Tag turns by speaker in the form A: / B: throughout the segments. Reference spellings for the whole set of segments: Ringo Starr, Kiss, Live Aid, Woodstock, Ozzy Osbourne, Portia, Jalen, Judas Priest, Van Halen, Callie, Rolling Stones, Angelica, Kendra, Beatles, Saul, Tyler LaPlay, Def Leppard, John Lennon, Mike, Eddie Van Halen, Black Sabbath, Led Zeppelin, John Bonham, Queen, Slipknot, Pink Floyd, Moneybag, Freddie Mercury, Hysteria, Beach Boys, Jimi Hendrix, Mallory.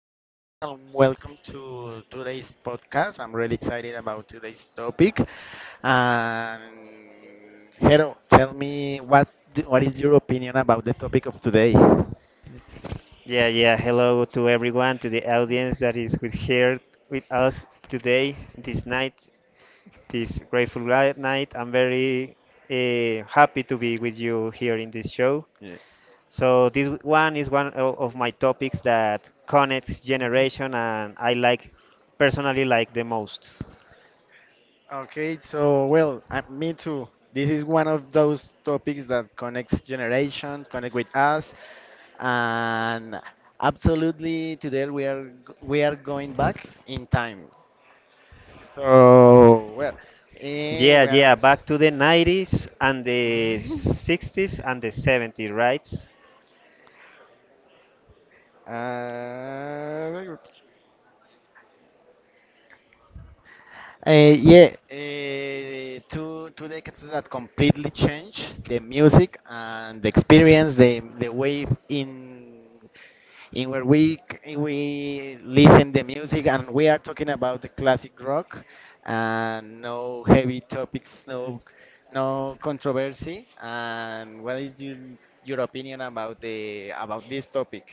A: everyone, and welcome to today's podcast. I'm really excited about today's topic. And hello, tell me what is your opinion about the topic of today?
B: Yeah, yeah. Hello to everyone, to the audience that is with here with us today, this night, this night. I'm very happy to be with you here in this show.
A: Yeah.
B: So this one of my topics that connects generation, and I like personally like the most.
A: Okay, so well, me too. This is one of those topics that connects generations, connect with us, and absolutely today we are going back in time. So well, and
B: Yeah,
A: we.
B: yeah. Back to the 90s and the 60s and the 70s, right?
A: Uh, Uh, yeah, two two decades that completely changed the music and the experience, the way in where we listen the music. And we are talking about the classic rock, and no heavy topics, no no controversy. And what is your opinion about the about this topic?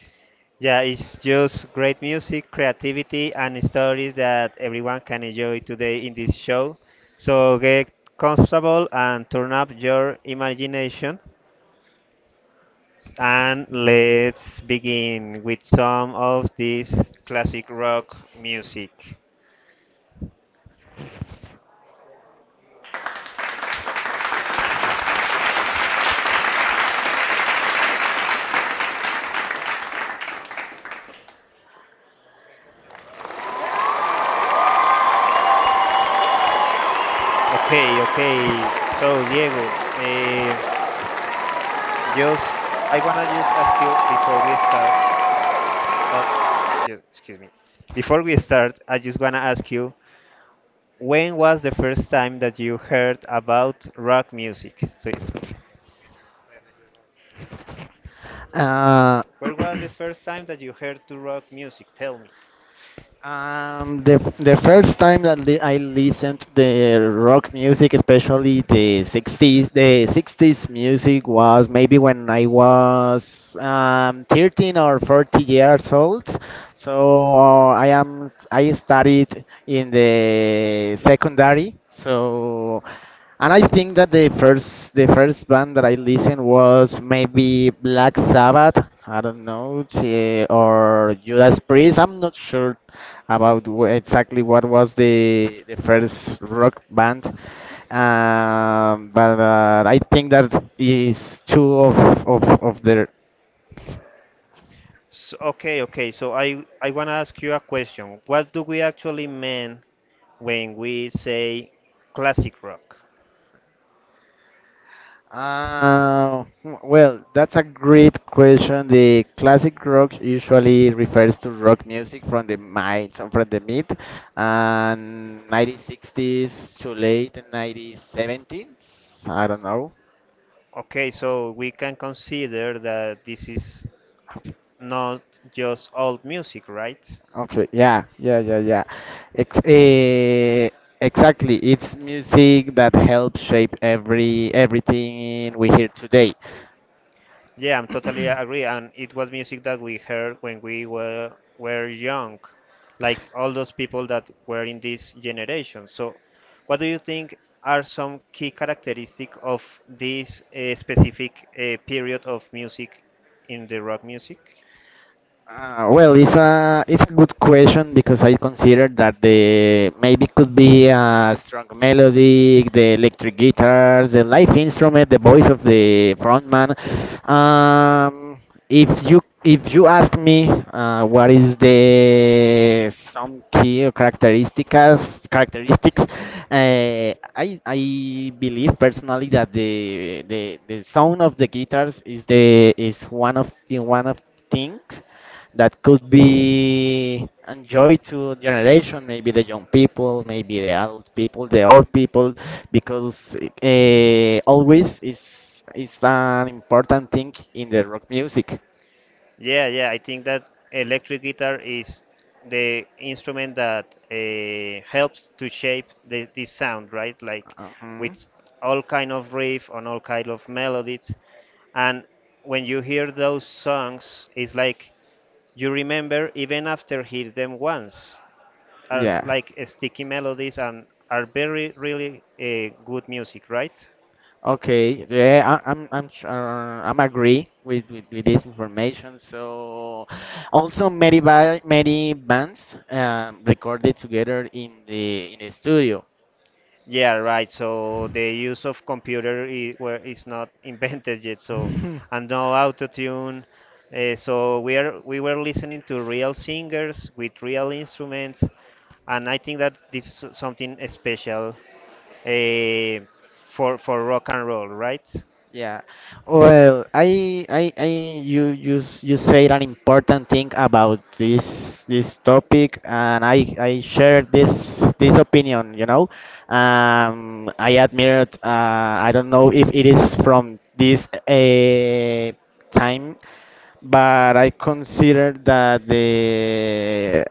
B: Yeah, it's just great music, creativity, and stories that everyone can enjoy today in this show. So get comfortable and turn up your imagination. And let's begin with some of this classic rock music. Okay, okay. So, Diego, just I wanna just ask you before we start. Oh, Excuse me. Before we start, I just wanna ask you, when was the first time that you heard about rock music?
A: uh,
B: Where was the first time that you heard to rock music? Tell me.
A: the first time that li I listened the rock music, especially the 60s, the 60s, music was maybe when I was 13 or 40 years old. So I studied in the secondary. So, and I think that the first band that I listened was maybe Black Sabbath. I don't know, or Judas Priest. I'm not sure about exactly what was the first rock band. But I think that is two of their.
B: So, okay, okay. So I want to ask you a question. What do we actually mean when we say classic rock?
A: Well, that's a great question. The classic rock usually refers to rock music from and 1960s to late 1970s. I don't know.
B: Okay, so we can consider that this is not just old music, right?
A: Okay, yeah, yeah, yeah, yeah. Ex eh, exactly. It's music that helps shape everything we hear today.
B: Yeah, I'm totally agree. And it was music that we heard when we were young, like all those people that were in this generation. So, what do you think are some key characteristic of this specific period of music in the rock music?
A: Well, it's a good question, because I consider that the maybe could be a strong melody, the electric guitars, the live instrument, the voice of the frontman. Um, if you ask me, what is the some key or characteristics? I believe personally that the sound of the guitars is the is one of things that could be enjoyed to generation, maybe the young people, maybe the adult people, the old people, because always is an important thing in the rock music.
B: Yeah, yeah, I think that electric guitar is the instrument that helps to shape this sound, right? Like
A: Mhm.
B: with all kind of riff on all kind of melodies, and when you hear those songs, it's like you remember even after hear them once. Are
A: Yeah.
B: like sticky melodies and are very really good music, right?
A: Okay, yeah, I'm sure I'm agree with this information. So also many bands recorded together in the studio.
B: Yeah, right. So the use of computer is, where is not invented yet. So and no autotune. We were listening to real singers with real instruments, and I think that this something special uh, for rock and roll, right?
A: Yeah. Well, I you you s- you said an important thing about this topic, and I share this opinion. I admire. I don't know if it is from this time, but I consider that the.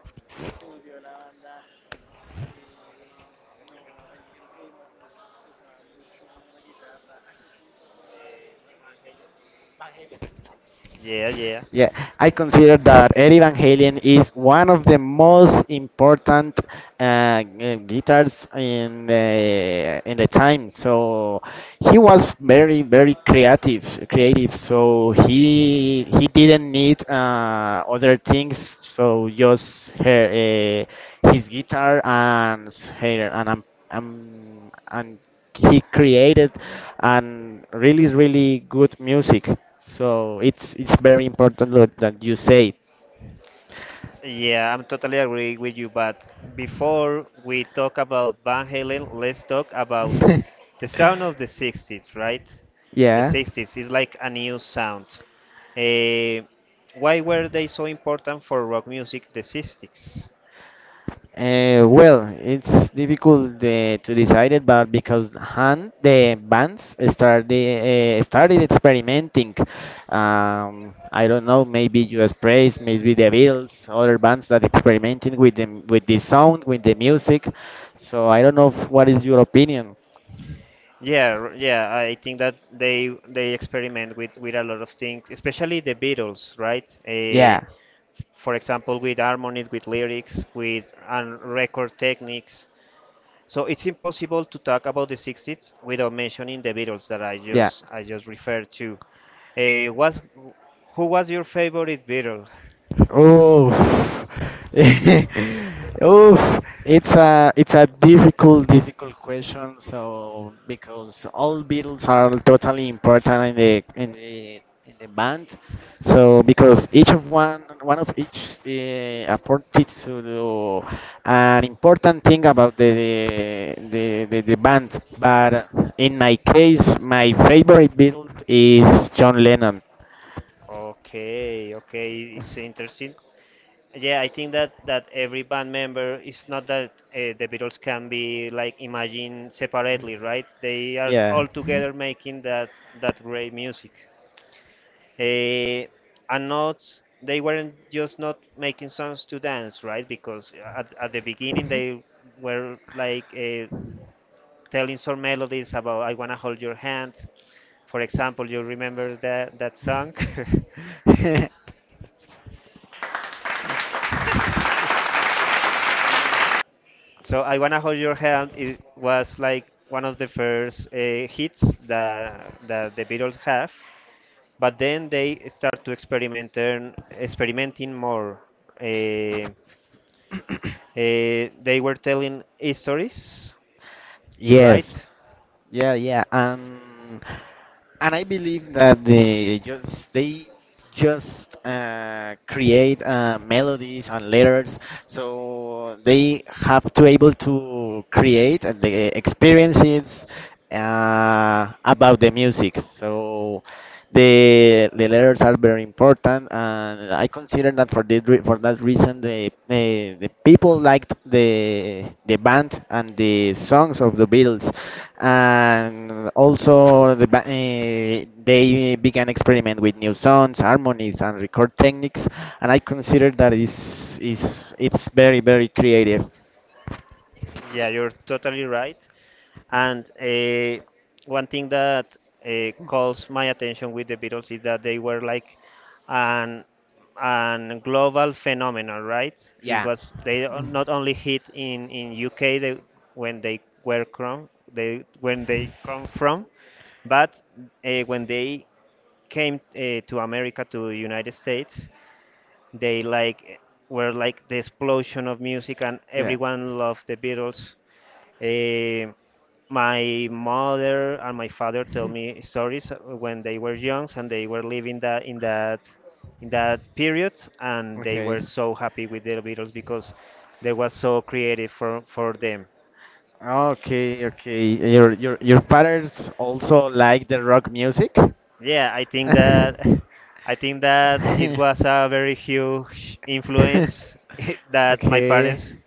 B: Yeah, yeah.
A: Yeah, I consider that Eddie Van Halen is one of the most important guitars in the time. So he was very very creative, creative. So he didn't need other things. So just her, his guitar, and her, and he created and really really good music. So it's very important that that you say.
B: Yeah, I'm totally agree with you. But before we talk about Van Halen, let's talk about the sound of the 60s, right? The
A: Yeah.
B: 60s is like a new sound. Eh, why were they so important for rock music, the 60s?
A: Well, it's difficult to decide it, but because Han, the bands started experimenting. I don't know, maybe U.S. Praise, maybe the Beatles, other bands that experimenting with the sound, with the music. So I don't know if, what is your opinion.
B: Yeah, I think that they experiment with a lot of things, especially the Beatles, right?
A: Yeah,
B: For example, with harmonies, with lyrics, with and record techniques. So it's impossible to talk about the 60s without mentioning the Beatles that I
A: yeah.
B: just I just referred to. Was Who was your favorite Beatle?
A: Oh, oh, it's a difficult, difficult question. So because all Beatles are totally important in the band. So because each of one of each apported to do an important thing about the band. But in my case, my favorite Beatles is John Lennon.
B: Okay, okay, it's interesting. Yeah, I think that that every band member it's not that the Beatles can be like imagined separately, right? They are all together making that that great music. Eh, and not They weren't just not making songs to dance, right? Because at the beginning they were like telling some melodies about "I wanna hold your hand," for example. You remember that song?
A: Music.
B: So I Wanna Hold Your Hand it was like one of the first hits that the Beatles have, but then they start to experimenting more. Uh, they were telling stories, right?
A: Yes. Yeah, yeah, and I believe that they just create melodies and letters, so they have to able to create the experiences about the music. So the letters are very important, and I consider that for for that reason, the people liked the band and the songs of the Beatles, and also they began experiment with new sounds, harmonies, and record techniques, and I consider that is it's very very creative.
B: Yeah, you're totally right. And one thing that calls my attention with the Beatles is that they were like an an global phenomenon, right? It
A: Yeah.
B: was not only hit in UK they, when they were from they when they come from, but when they came to America to United States, they like were like the explosion of music, and
A: Yeah.
B: everyone loved the Beatles. Eh, my mother and my father tell me stories when they were young and they were living that in that in that period and they
A: Okay.
B: were so happy with the Beatles because they were so creative for them.
A: Okay, okay. Your parents also like the rock music?
B: Yeah, I think that I think that it was a very huge influence that my parents
A: Okay.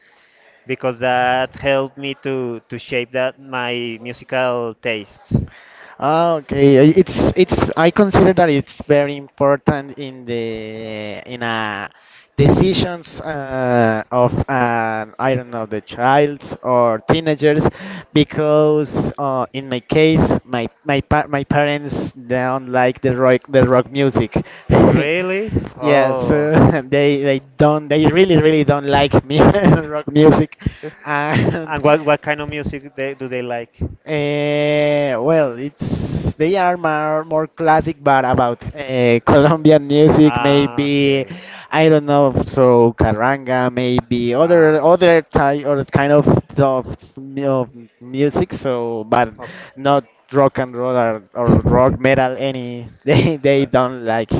B: because that helped me to shape that my musical tastes.
A: Ah, okay. I- It's it's. I consider that it's very important in the in a decisions of I don't know, the childs or teenagers, because in my case my parents don't like the rock music.
B: Really?
A: Yeah, so
B: Oh.
A: they really really don't like me
B: And
A: rock music, and.
B: what kind of music they, do they like?
A: Well, it's they are more classic, but about Colombian music,
B: Ah,
A: maybe.
B: okay.
A: I don't know. So carranga, maybe
B: Ah.
A: other type or kind of, of music. So, but not rock and roll, or rock metal. Any they
B: Ok-
A: don't like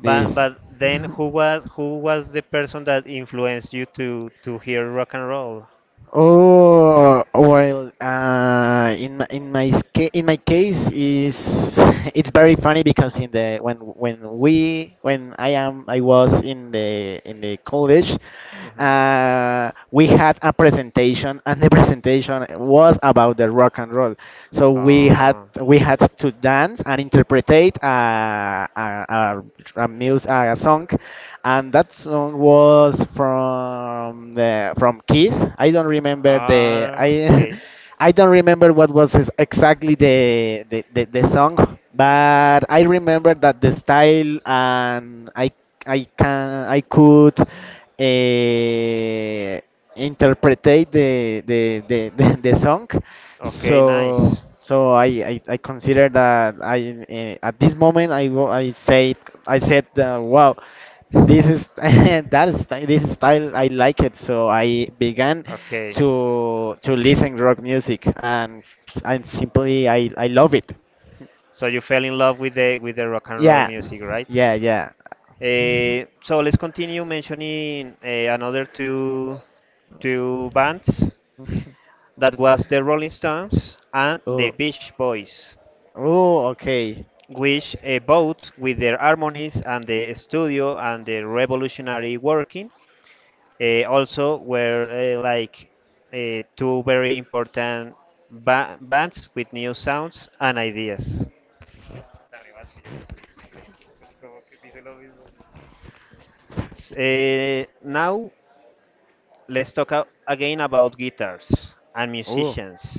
A: this.
B: but then who was the person that influenced you to hear rock and roll?
A: Oh, well, in my case is it's very funny, because in the when we when I am I was in the college.
B: Hmm.
A: We had a presentation, and the presentation was about the rock and roll. So we had
B: Oh.
A: we had to dance and interpretate a, a song, and that song was from the from Kiss. I don't remember the
B: Ah,
A: I
B: okay.
A: I don't remember what was exactly the song, but I remember that the style, and I could interpret the song.
B: Okay, nice.
A: So I consider that I at this moment I said. Wow, this is this style I like it. So I began
B: Okay.
A: to listen rock music and simply I love it.
B: So you fell in love with the rock and roll
A: Yeah,
B: music, right?
A: yeah, yeah.
B: So let's continue mentioning another two two bands that was the Rolling Stones and the
A: Oh,
B: Beach Boys,
A: oh, okay.
B: which both with their harmonies and the studio and the revolutionary working also were like two very important bands with new sounds and ideas. Now let's talk again about guitars and
A: Oh.
B: musicians.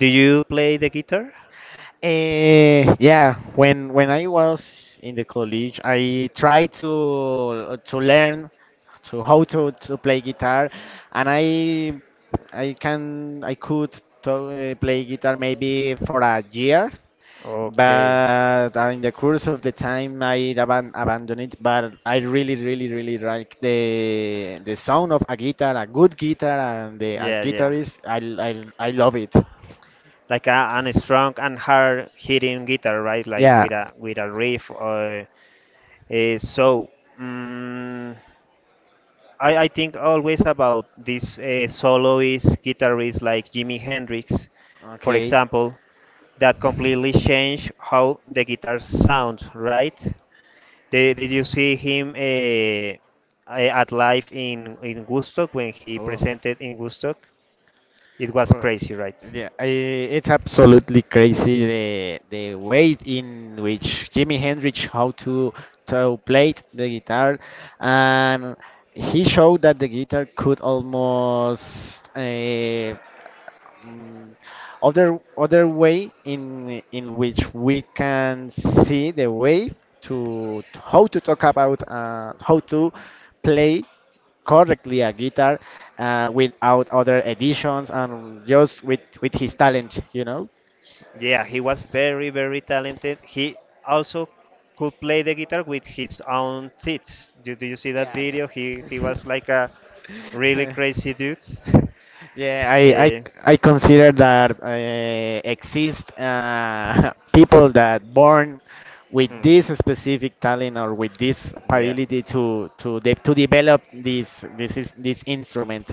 B: Do you play the guitar?
A: Yeah, when I was in the college, I tried to learn to play guitar, and I could play guitar maybe for a year,
B: Okay.
A: but in the course of the time I abandoned it. But I really really really like the sound of a guitar, a good guitar, and the a
B: Yeah, yeah.
A: guitarist. I love it
B: Like a, an strong and hard hitting guitar, right? Like with a riff or uh, so. Mm I think always about these soloist guitarists like Jimi Hendrix,
A: for.
B: for example, that completely changed how the guitar sounds, right? Did you see him at live in Woodstock when he presented in Woodstock? It was
A: Or-
B: crazy, right?
A: Yeah, it's absolutely crazy the way in which Jimi Hendrix how to play the guitar, and he showed that the guitar could almost mm, other way in which we can see the way to how to talk about how to play correctly a guitar without other additions and just with his talent.
B: Yeah, he was very, very talented. He also could play the guitar with his own teeth. Do you see that
A: Yeah.
B: video? He was like a really crazy dude.
A: Yeah, I, I,
B: Eh,
A: I consider that exist people that born with
B: hmm.
A: this specific talent, or with this
B: Yeah.
A: ability to develop this instrument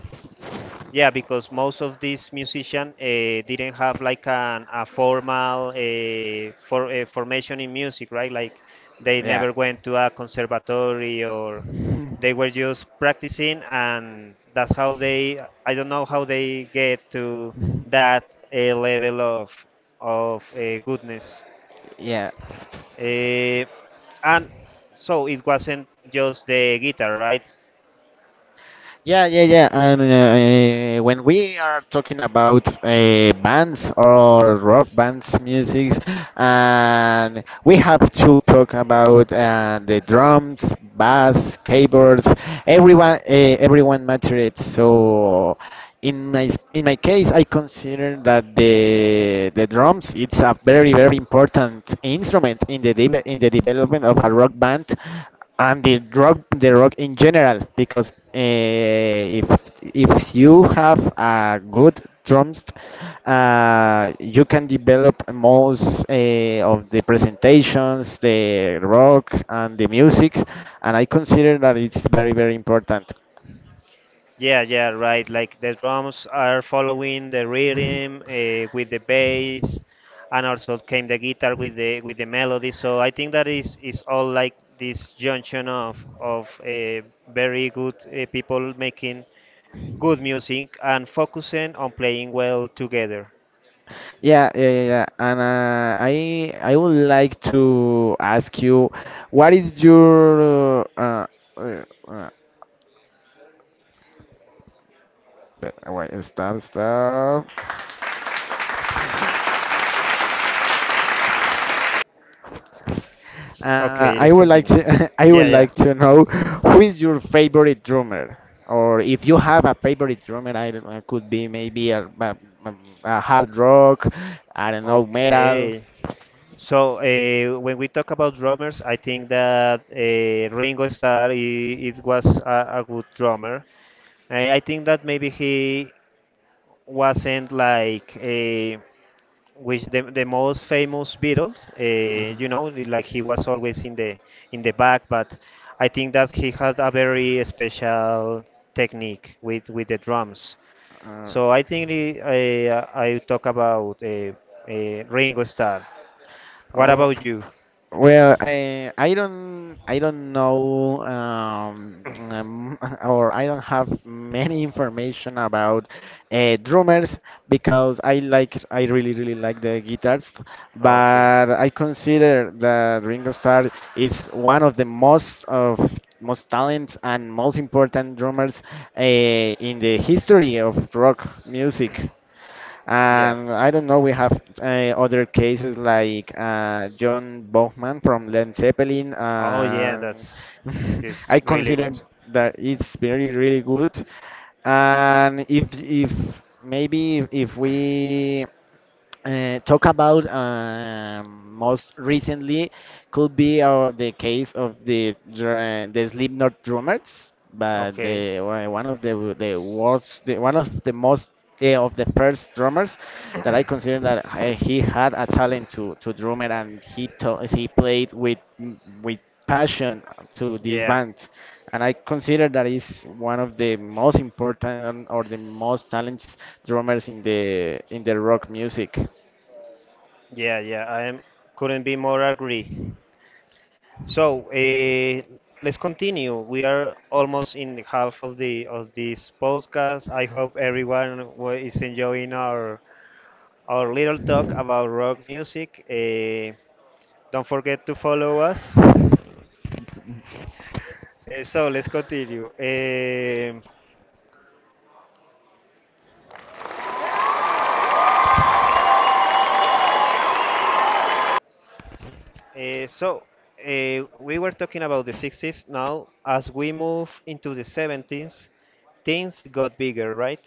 B: Yeah, because most of these musicians didn't have
A: did.
B: like a formal formation in music, right? Like they never went to a conservatory or they were just practicing, and that's how they. I don't know how they get to that level of goodness.
A: Yeah.
B: Uh, and so it wasn't just the guitar, right?
A: Yeah, yeah, yeah. And when we are talking about bands or rock bands music, and we have to talk about the drums, bass, keyboards, everyone matters. So in my case, I consider that the drums it's a very very important instrument in the development of a rock band, and the rock in general, because if you have a good drums, you can develop most of the presentations, the rock and the music. And I consider that it's very very important.
B: Yeah, yeah, right. Like the drums are following the rhythm with the bass, and also came the guitar with the melody. So I think that is all like this junction of very good people making good music and focusing on playing well together.
A: Yeah, yeah, yeah, yeah. And I would like to ask you what is your uh, wait, stop stop.
B: Okay,
A: I
B: let's
A: would like
B: continue.
A: to I
B: Yeah,
A: would
B: yeah.
A: like to know who is your favorite drummer, or if you have a favorite drummer. I don't know, could be maybe a hard rock, I don't know, metal.
B: Okay. So when we talk about drummers, I think that Ringo Starr I- is was a good drummer. I think that maybe he wasn't like a, with the most famous Beatles. You know, like he was always in the back. But I think that he had a very special technique with the drums.
A: Uh,
B: So I think the, I talk about Ringo Starr. What
A: Oh,
B: about you?
A: well, I don't know, or I don't have many information about drummers, because I really, really like the guitars,
B: Okay.
A: but I consider that Ringo Starr is one of the most of most talents and most important drummers in the history of rock music.
B: Yeah.
A: And I don't know, we have other cases like John Bonham from Led Zeppelin.
B: Oh yeah,
A: And
B: that's this
A: I
B: really
A: consider
B: good.
A: that it's very, really good. And if maybe if we talk about most recently, could be the case of the Slipknot drummers, but
B: Okay.
A: the one of the worst, the, one of the most the, of the first drummers, that I consider that he had a talent to drummer, and he played with passion to this
B: Yeah.
A: band, and I consider that is one of the most important or the most talented drummers in the rock music.
B: Yeah, yeah. I am couldn't be more agree. So, let's continue. We are almost in the half of the of this podcast. I hope everyone is enjoying our little talk about rock music. Don't forget to follow us. So let's continue. Uh, so we were talking about the 60s. Now, as we move into the 70s, things got bigger, right?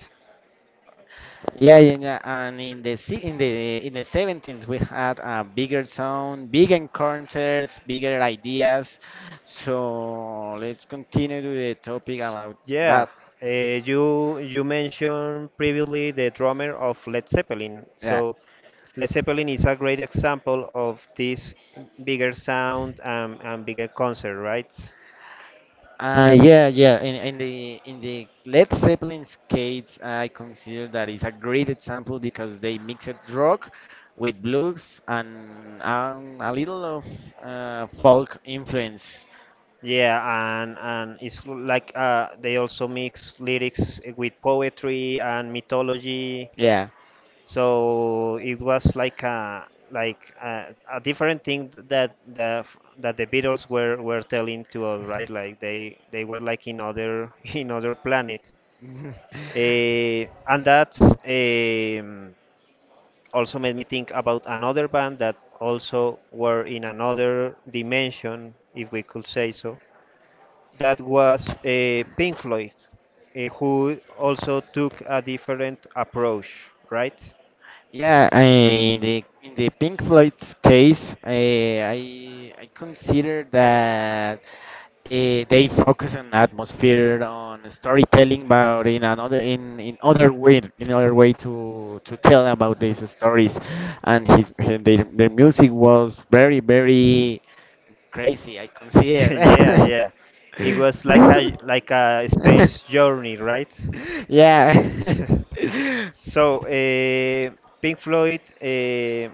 A: Yeah, yeah, yeah. And in the se- in the 17th, we had a bigger sound, bigger concerts, bigger ideas. So let's continue to the topic
B: S-
A: about
B: Yeah,
A: that.
B: uh, you you mentioned previously the drummer of Led Zeppelin.
A: Yeah.
B: So Led Zeppelin is a great example of this bigger sound and bigger concert, right?
A: Yeah. In the Led Zeppelin's case, I consider that is a great example because they mixed rock with blues and a little of folk influence.
B: Yeah, and like they also mix lyrics with poetry and mythology.
A: Yeah.
B: So it was like a different thing that the Beatles were telling to us, right? Like they were like in other in other planet. Eh, and that Also made me think about another band that also were in another dimension, if we could say so, that was Pink Floyd, who also took a different approach, right?
A: Yeah, I, in the Pink Floyd's case, I consider that they focus on atmosphere, on storytelling, but in other way to tell about these stories, and their music was very very crazy. I
B: Yeah,
A: consider.
B: yeah. It was like a space journey, right?
A: Yeah.
B: So Pink Floyd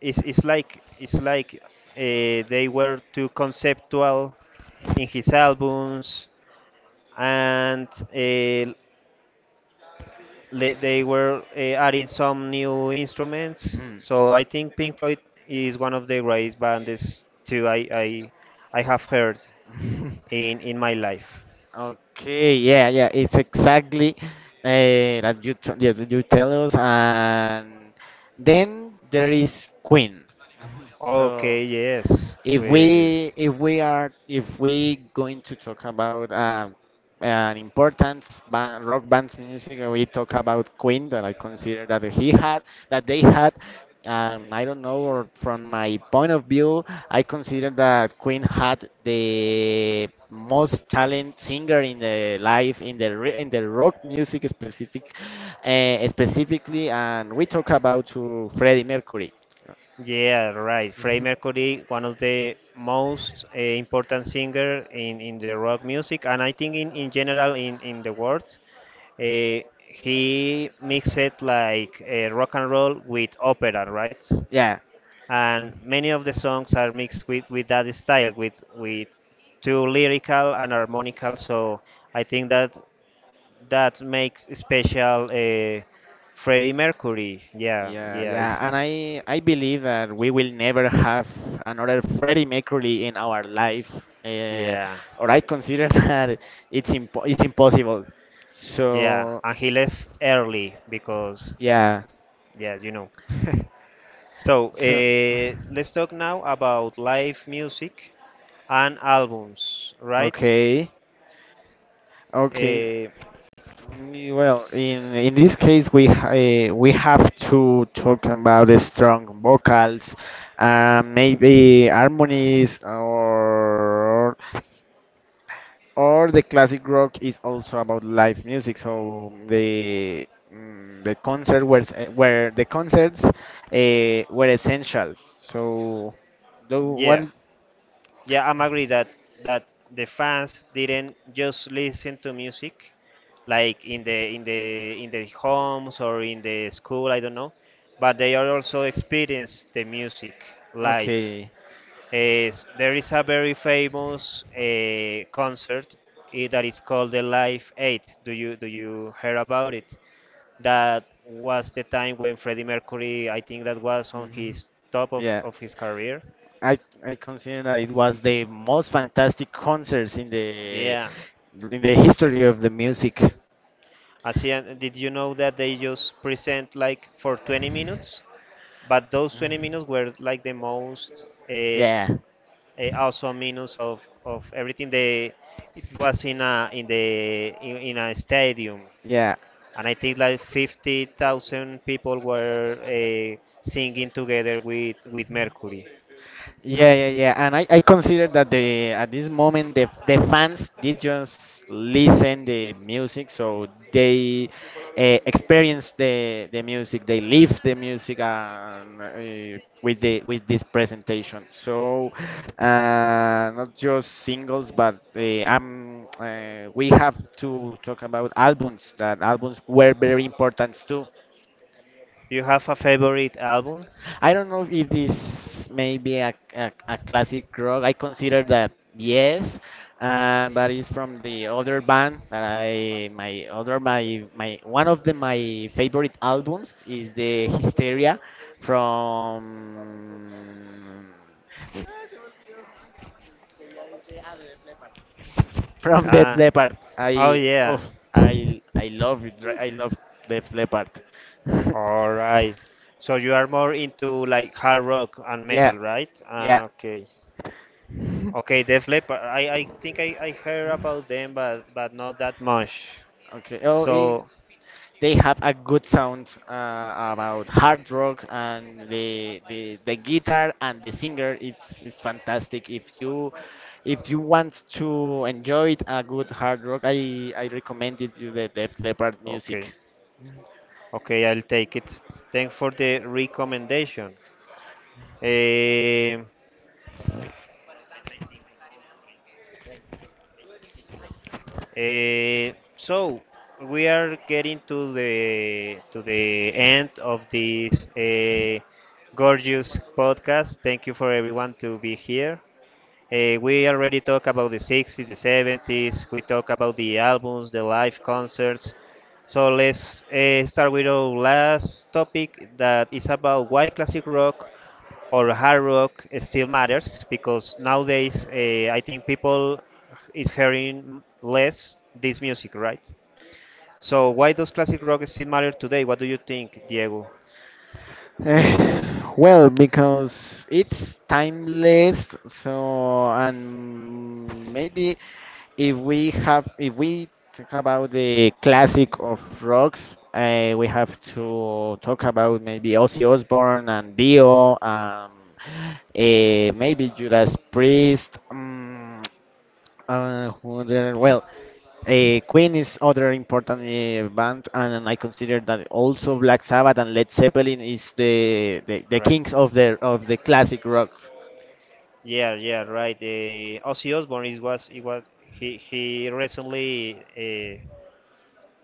B: is like it's like uh, they were too conceptual in his albums, and uh, they were adding some new instruments.
A: Mm.
B: So I think Pink Floyd is one of the greatest bands too I have heard in my life.
A: Okay, yeah, yeah, it's exactly that you yeah, that you tell us, and then there is Queen. So
B: Okay, yes, well, yes.
A: if we are if we going to talk about an importance rock band's music, and we talk about Queen, that I consider that he had that they had, I don't know, or from my point of view, I consider that Queen had the most talent singer in the life in the in the rock music specifically, and we talk about to Freddie Mercury.
B: Yeah, right. Freddie Mercury, one of the most important singer in the rock music, and I think in general in the world, uh, he mixed like rock and roll with opera, right?
A: Yeah.
B: And many of the songs are mixed with that style, with too lyrical and harmonical. So I think that that makes special Freddie Mercury. Yeah,
A: Yeah,
B: yeah,
A: yeah, and
B: it's
A: I believe that we will never have another Freddie Mercury in our life, uh,
B: yeah.
A: or I consider that it's impossible.
B: Yeah.
A: So
B: And he left early because,
A: yeah,
B: yeah, you know. So,
A: so
B: let's talk now about live music and albums, right?
A: okay, okay.
B: Uh,
A: Mm. Well, in this case, we have to talk about the strong vocals, maybe harmonies, or the classic rock is also about live music. So the mm, the concert was eh, where the concerts were essential. So, though what?
B: yeah. Yeah, I'm agree that that the fans didn't just listen to music like in the in the in the homes or in the school, I don't know, but they are also experience the music live.
A: Okay.
B: Is there is a very famous concert that is called the Live Aid. Do you hear about it? That was the time when Freddie Mercury, I think that was on
A: Mhm.
B: his top
A: Yeah,
B: of his career.
A: I I consider that it was the most fantastic concerts
B: Yeah.
A: in the history of the music.
B: Asian, did you know that they just present like for 20 minutes? But those 20 minutes were like the most
A: Yeah,
B: awesome minutes of everything. They it was in a in a stadium.
A: yeah.
B: And I think like 50,000 people were singing together with Mercury.
A: Yeah, yeah, yeah. And I consider that the at this moment the fans did just listen the music, so they experience the music, they live the music, and, with the with this presentation. So not just singles, but I'm we have to talk about albums. That albums were very important too.
B: You have a favorite album?
A: I don't know if it is maybe a classic rock. I consider that yes, but it's from the other band that I my other my my one of the my favorite albums is the Hysteria from from Death
B: Uh,
A: Leopard.
B: oh
A: I oh
B: yeah.
A: I I love it. I love Death Leopard.
B: All right. So you are more into like hard rock and
A: Yeah,
B: metal, right?
A: yeah.
B: Okay. Okay, Def Leppard. I think I heard about them, but not that much.
A: Okay. Oh,
B: So
A: they have a good sound about hard rock, and the guitar and the singer, it's fantastic. If you if you want to enjoy a good hard rock, I recommend it you the Def Leppard
B: okay,
A: music.
B: okay, I'll take it. Thanks for the recommendation. Um so we are getting to the end of this gorgeous podcast. Thank you for everyone to be here. We already talked about the 60s, the 70s. We talk about the albums, the live concerts. So let's start with our last topic that is about why classic rock or hard rock still matters because nowadays I think people is hearing less this music, right? So why does classic rock still matter today? What do you think, Diego?
A: Well, because it's timeless, so, and maybe if we have if we talk about the classic of rocks, we have to talk about maybe Ozzy Osbourne and Dio, maybe Judas Priest, who well, Queen is other important band, and I consider that also Black Sabbath and Led Zeppelin is the the
B: Right.
A: kings of the classic rock.
B: Yeah, yeah, right. Ozzy Osbourne is was it was he recently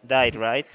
B: died, right?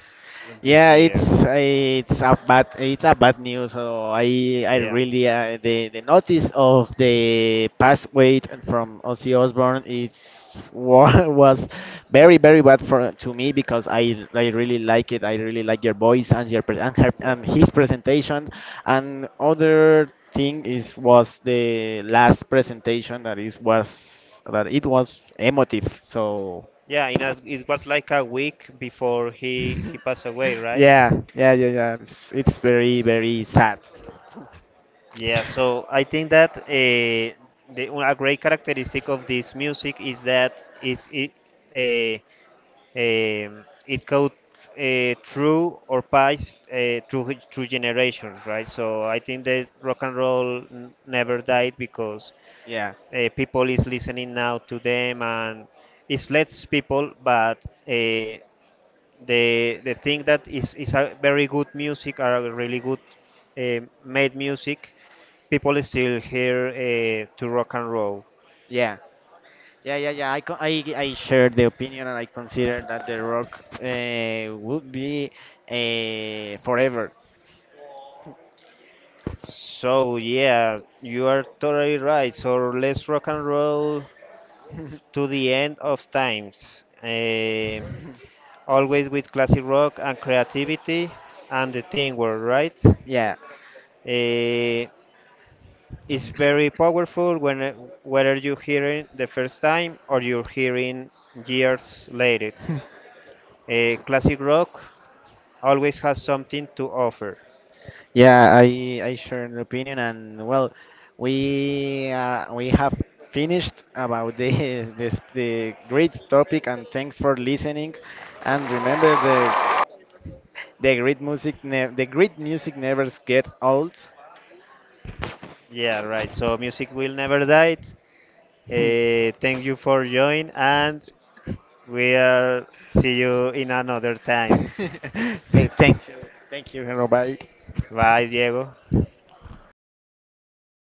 B: This
A: Yeah,
B: year.
A: it's a bad, it's a bad news. So I
B: Yeah.
A: really the notice of the past weight and from Ozzy Osbourne was very very bad for to me because I really like it. I really like your voice and your
B: Yeah.
A: and his presentation. And other thing is was the last presentation that is was that it was emotive. So.
B: Yeah, in a, it was like a week before he passed away, right?
A: Yeah, yeah, yeah, yeah. It's very, very sad.
B: Yeah, so I think that a great characteristic of this music is that is it uh, it goes through or pass through generations, right? So I think that rock and roll never died because
A: Yeah,
B: people is listening now to them and it's less people, but the thing that is a very good music are a really good made music, people still hear to rock and roll.
A: yeah, yeah, yeah, yeah. I, I share the opinion, and I consider that the rock would be forever.
B: So yeah, you are totally right. So let's rock and roll to the end of times. Always with classic rock and creativity and the teamwork, right?
A: Yeah.
B: Eh, it's very powerful when whether you hear it the first time or you're hearing years later. Classic rock always has something to offer.
A: Yeah, I share the opinion, and well, we have finished about the this the great topic, and thanks for listening, and remember the great music, the great music never gets old.
B: Yeah, right. So music will never die. Thank you for joining, and we'll see you in another time.
A: Say thank you, everybody.
B: Bye, Diego.